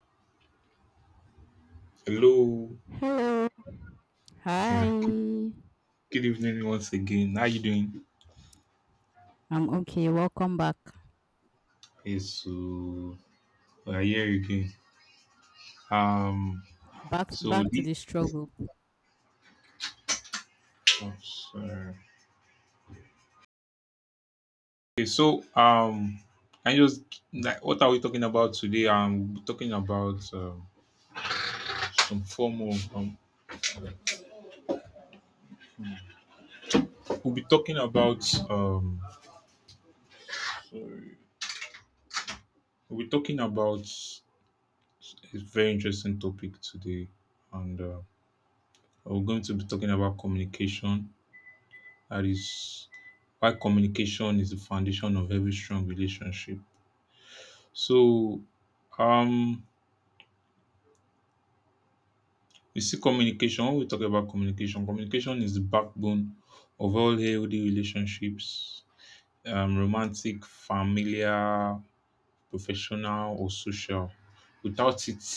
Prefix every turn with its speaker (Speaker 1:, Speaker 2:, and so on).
Speaker 1: Hello.
Speaker 2: Hello. Hi.
Speaker 1: Yeah. Good,
Speaker 2: I'm
Speaker 1: good evening once again. How you doing?
Speaker 2: okay. Welcome back.
Speaker 1: Yes. So we're here again. Um.
Speaker 2: Back
Speaker 1: So
Speaker 2: back to
Speaker 1: this.
Speaker 2: the struggle.
Speaker 1: Oh, sorry. Okay. So. I just like What are we talking about today? We'll be talking about some form of. We'll be talking about. We'll be talking about a very interesting topic today, and we're going to be talking about communication, that is why communication is the foundation of every strong relationship. So, um, you see, communication, when we talk about communication, communication is the backbone of all healthy relationships, romantic, familiar, professional, or social. Without it,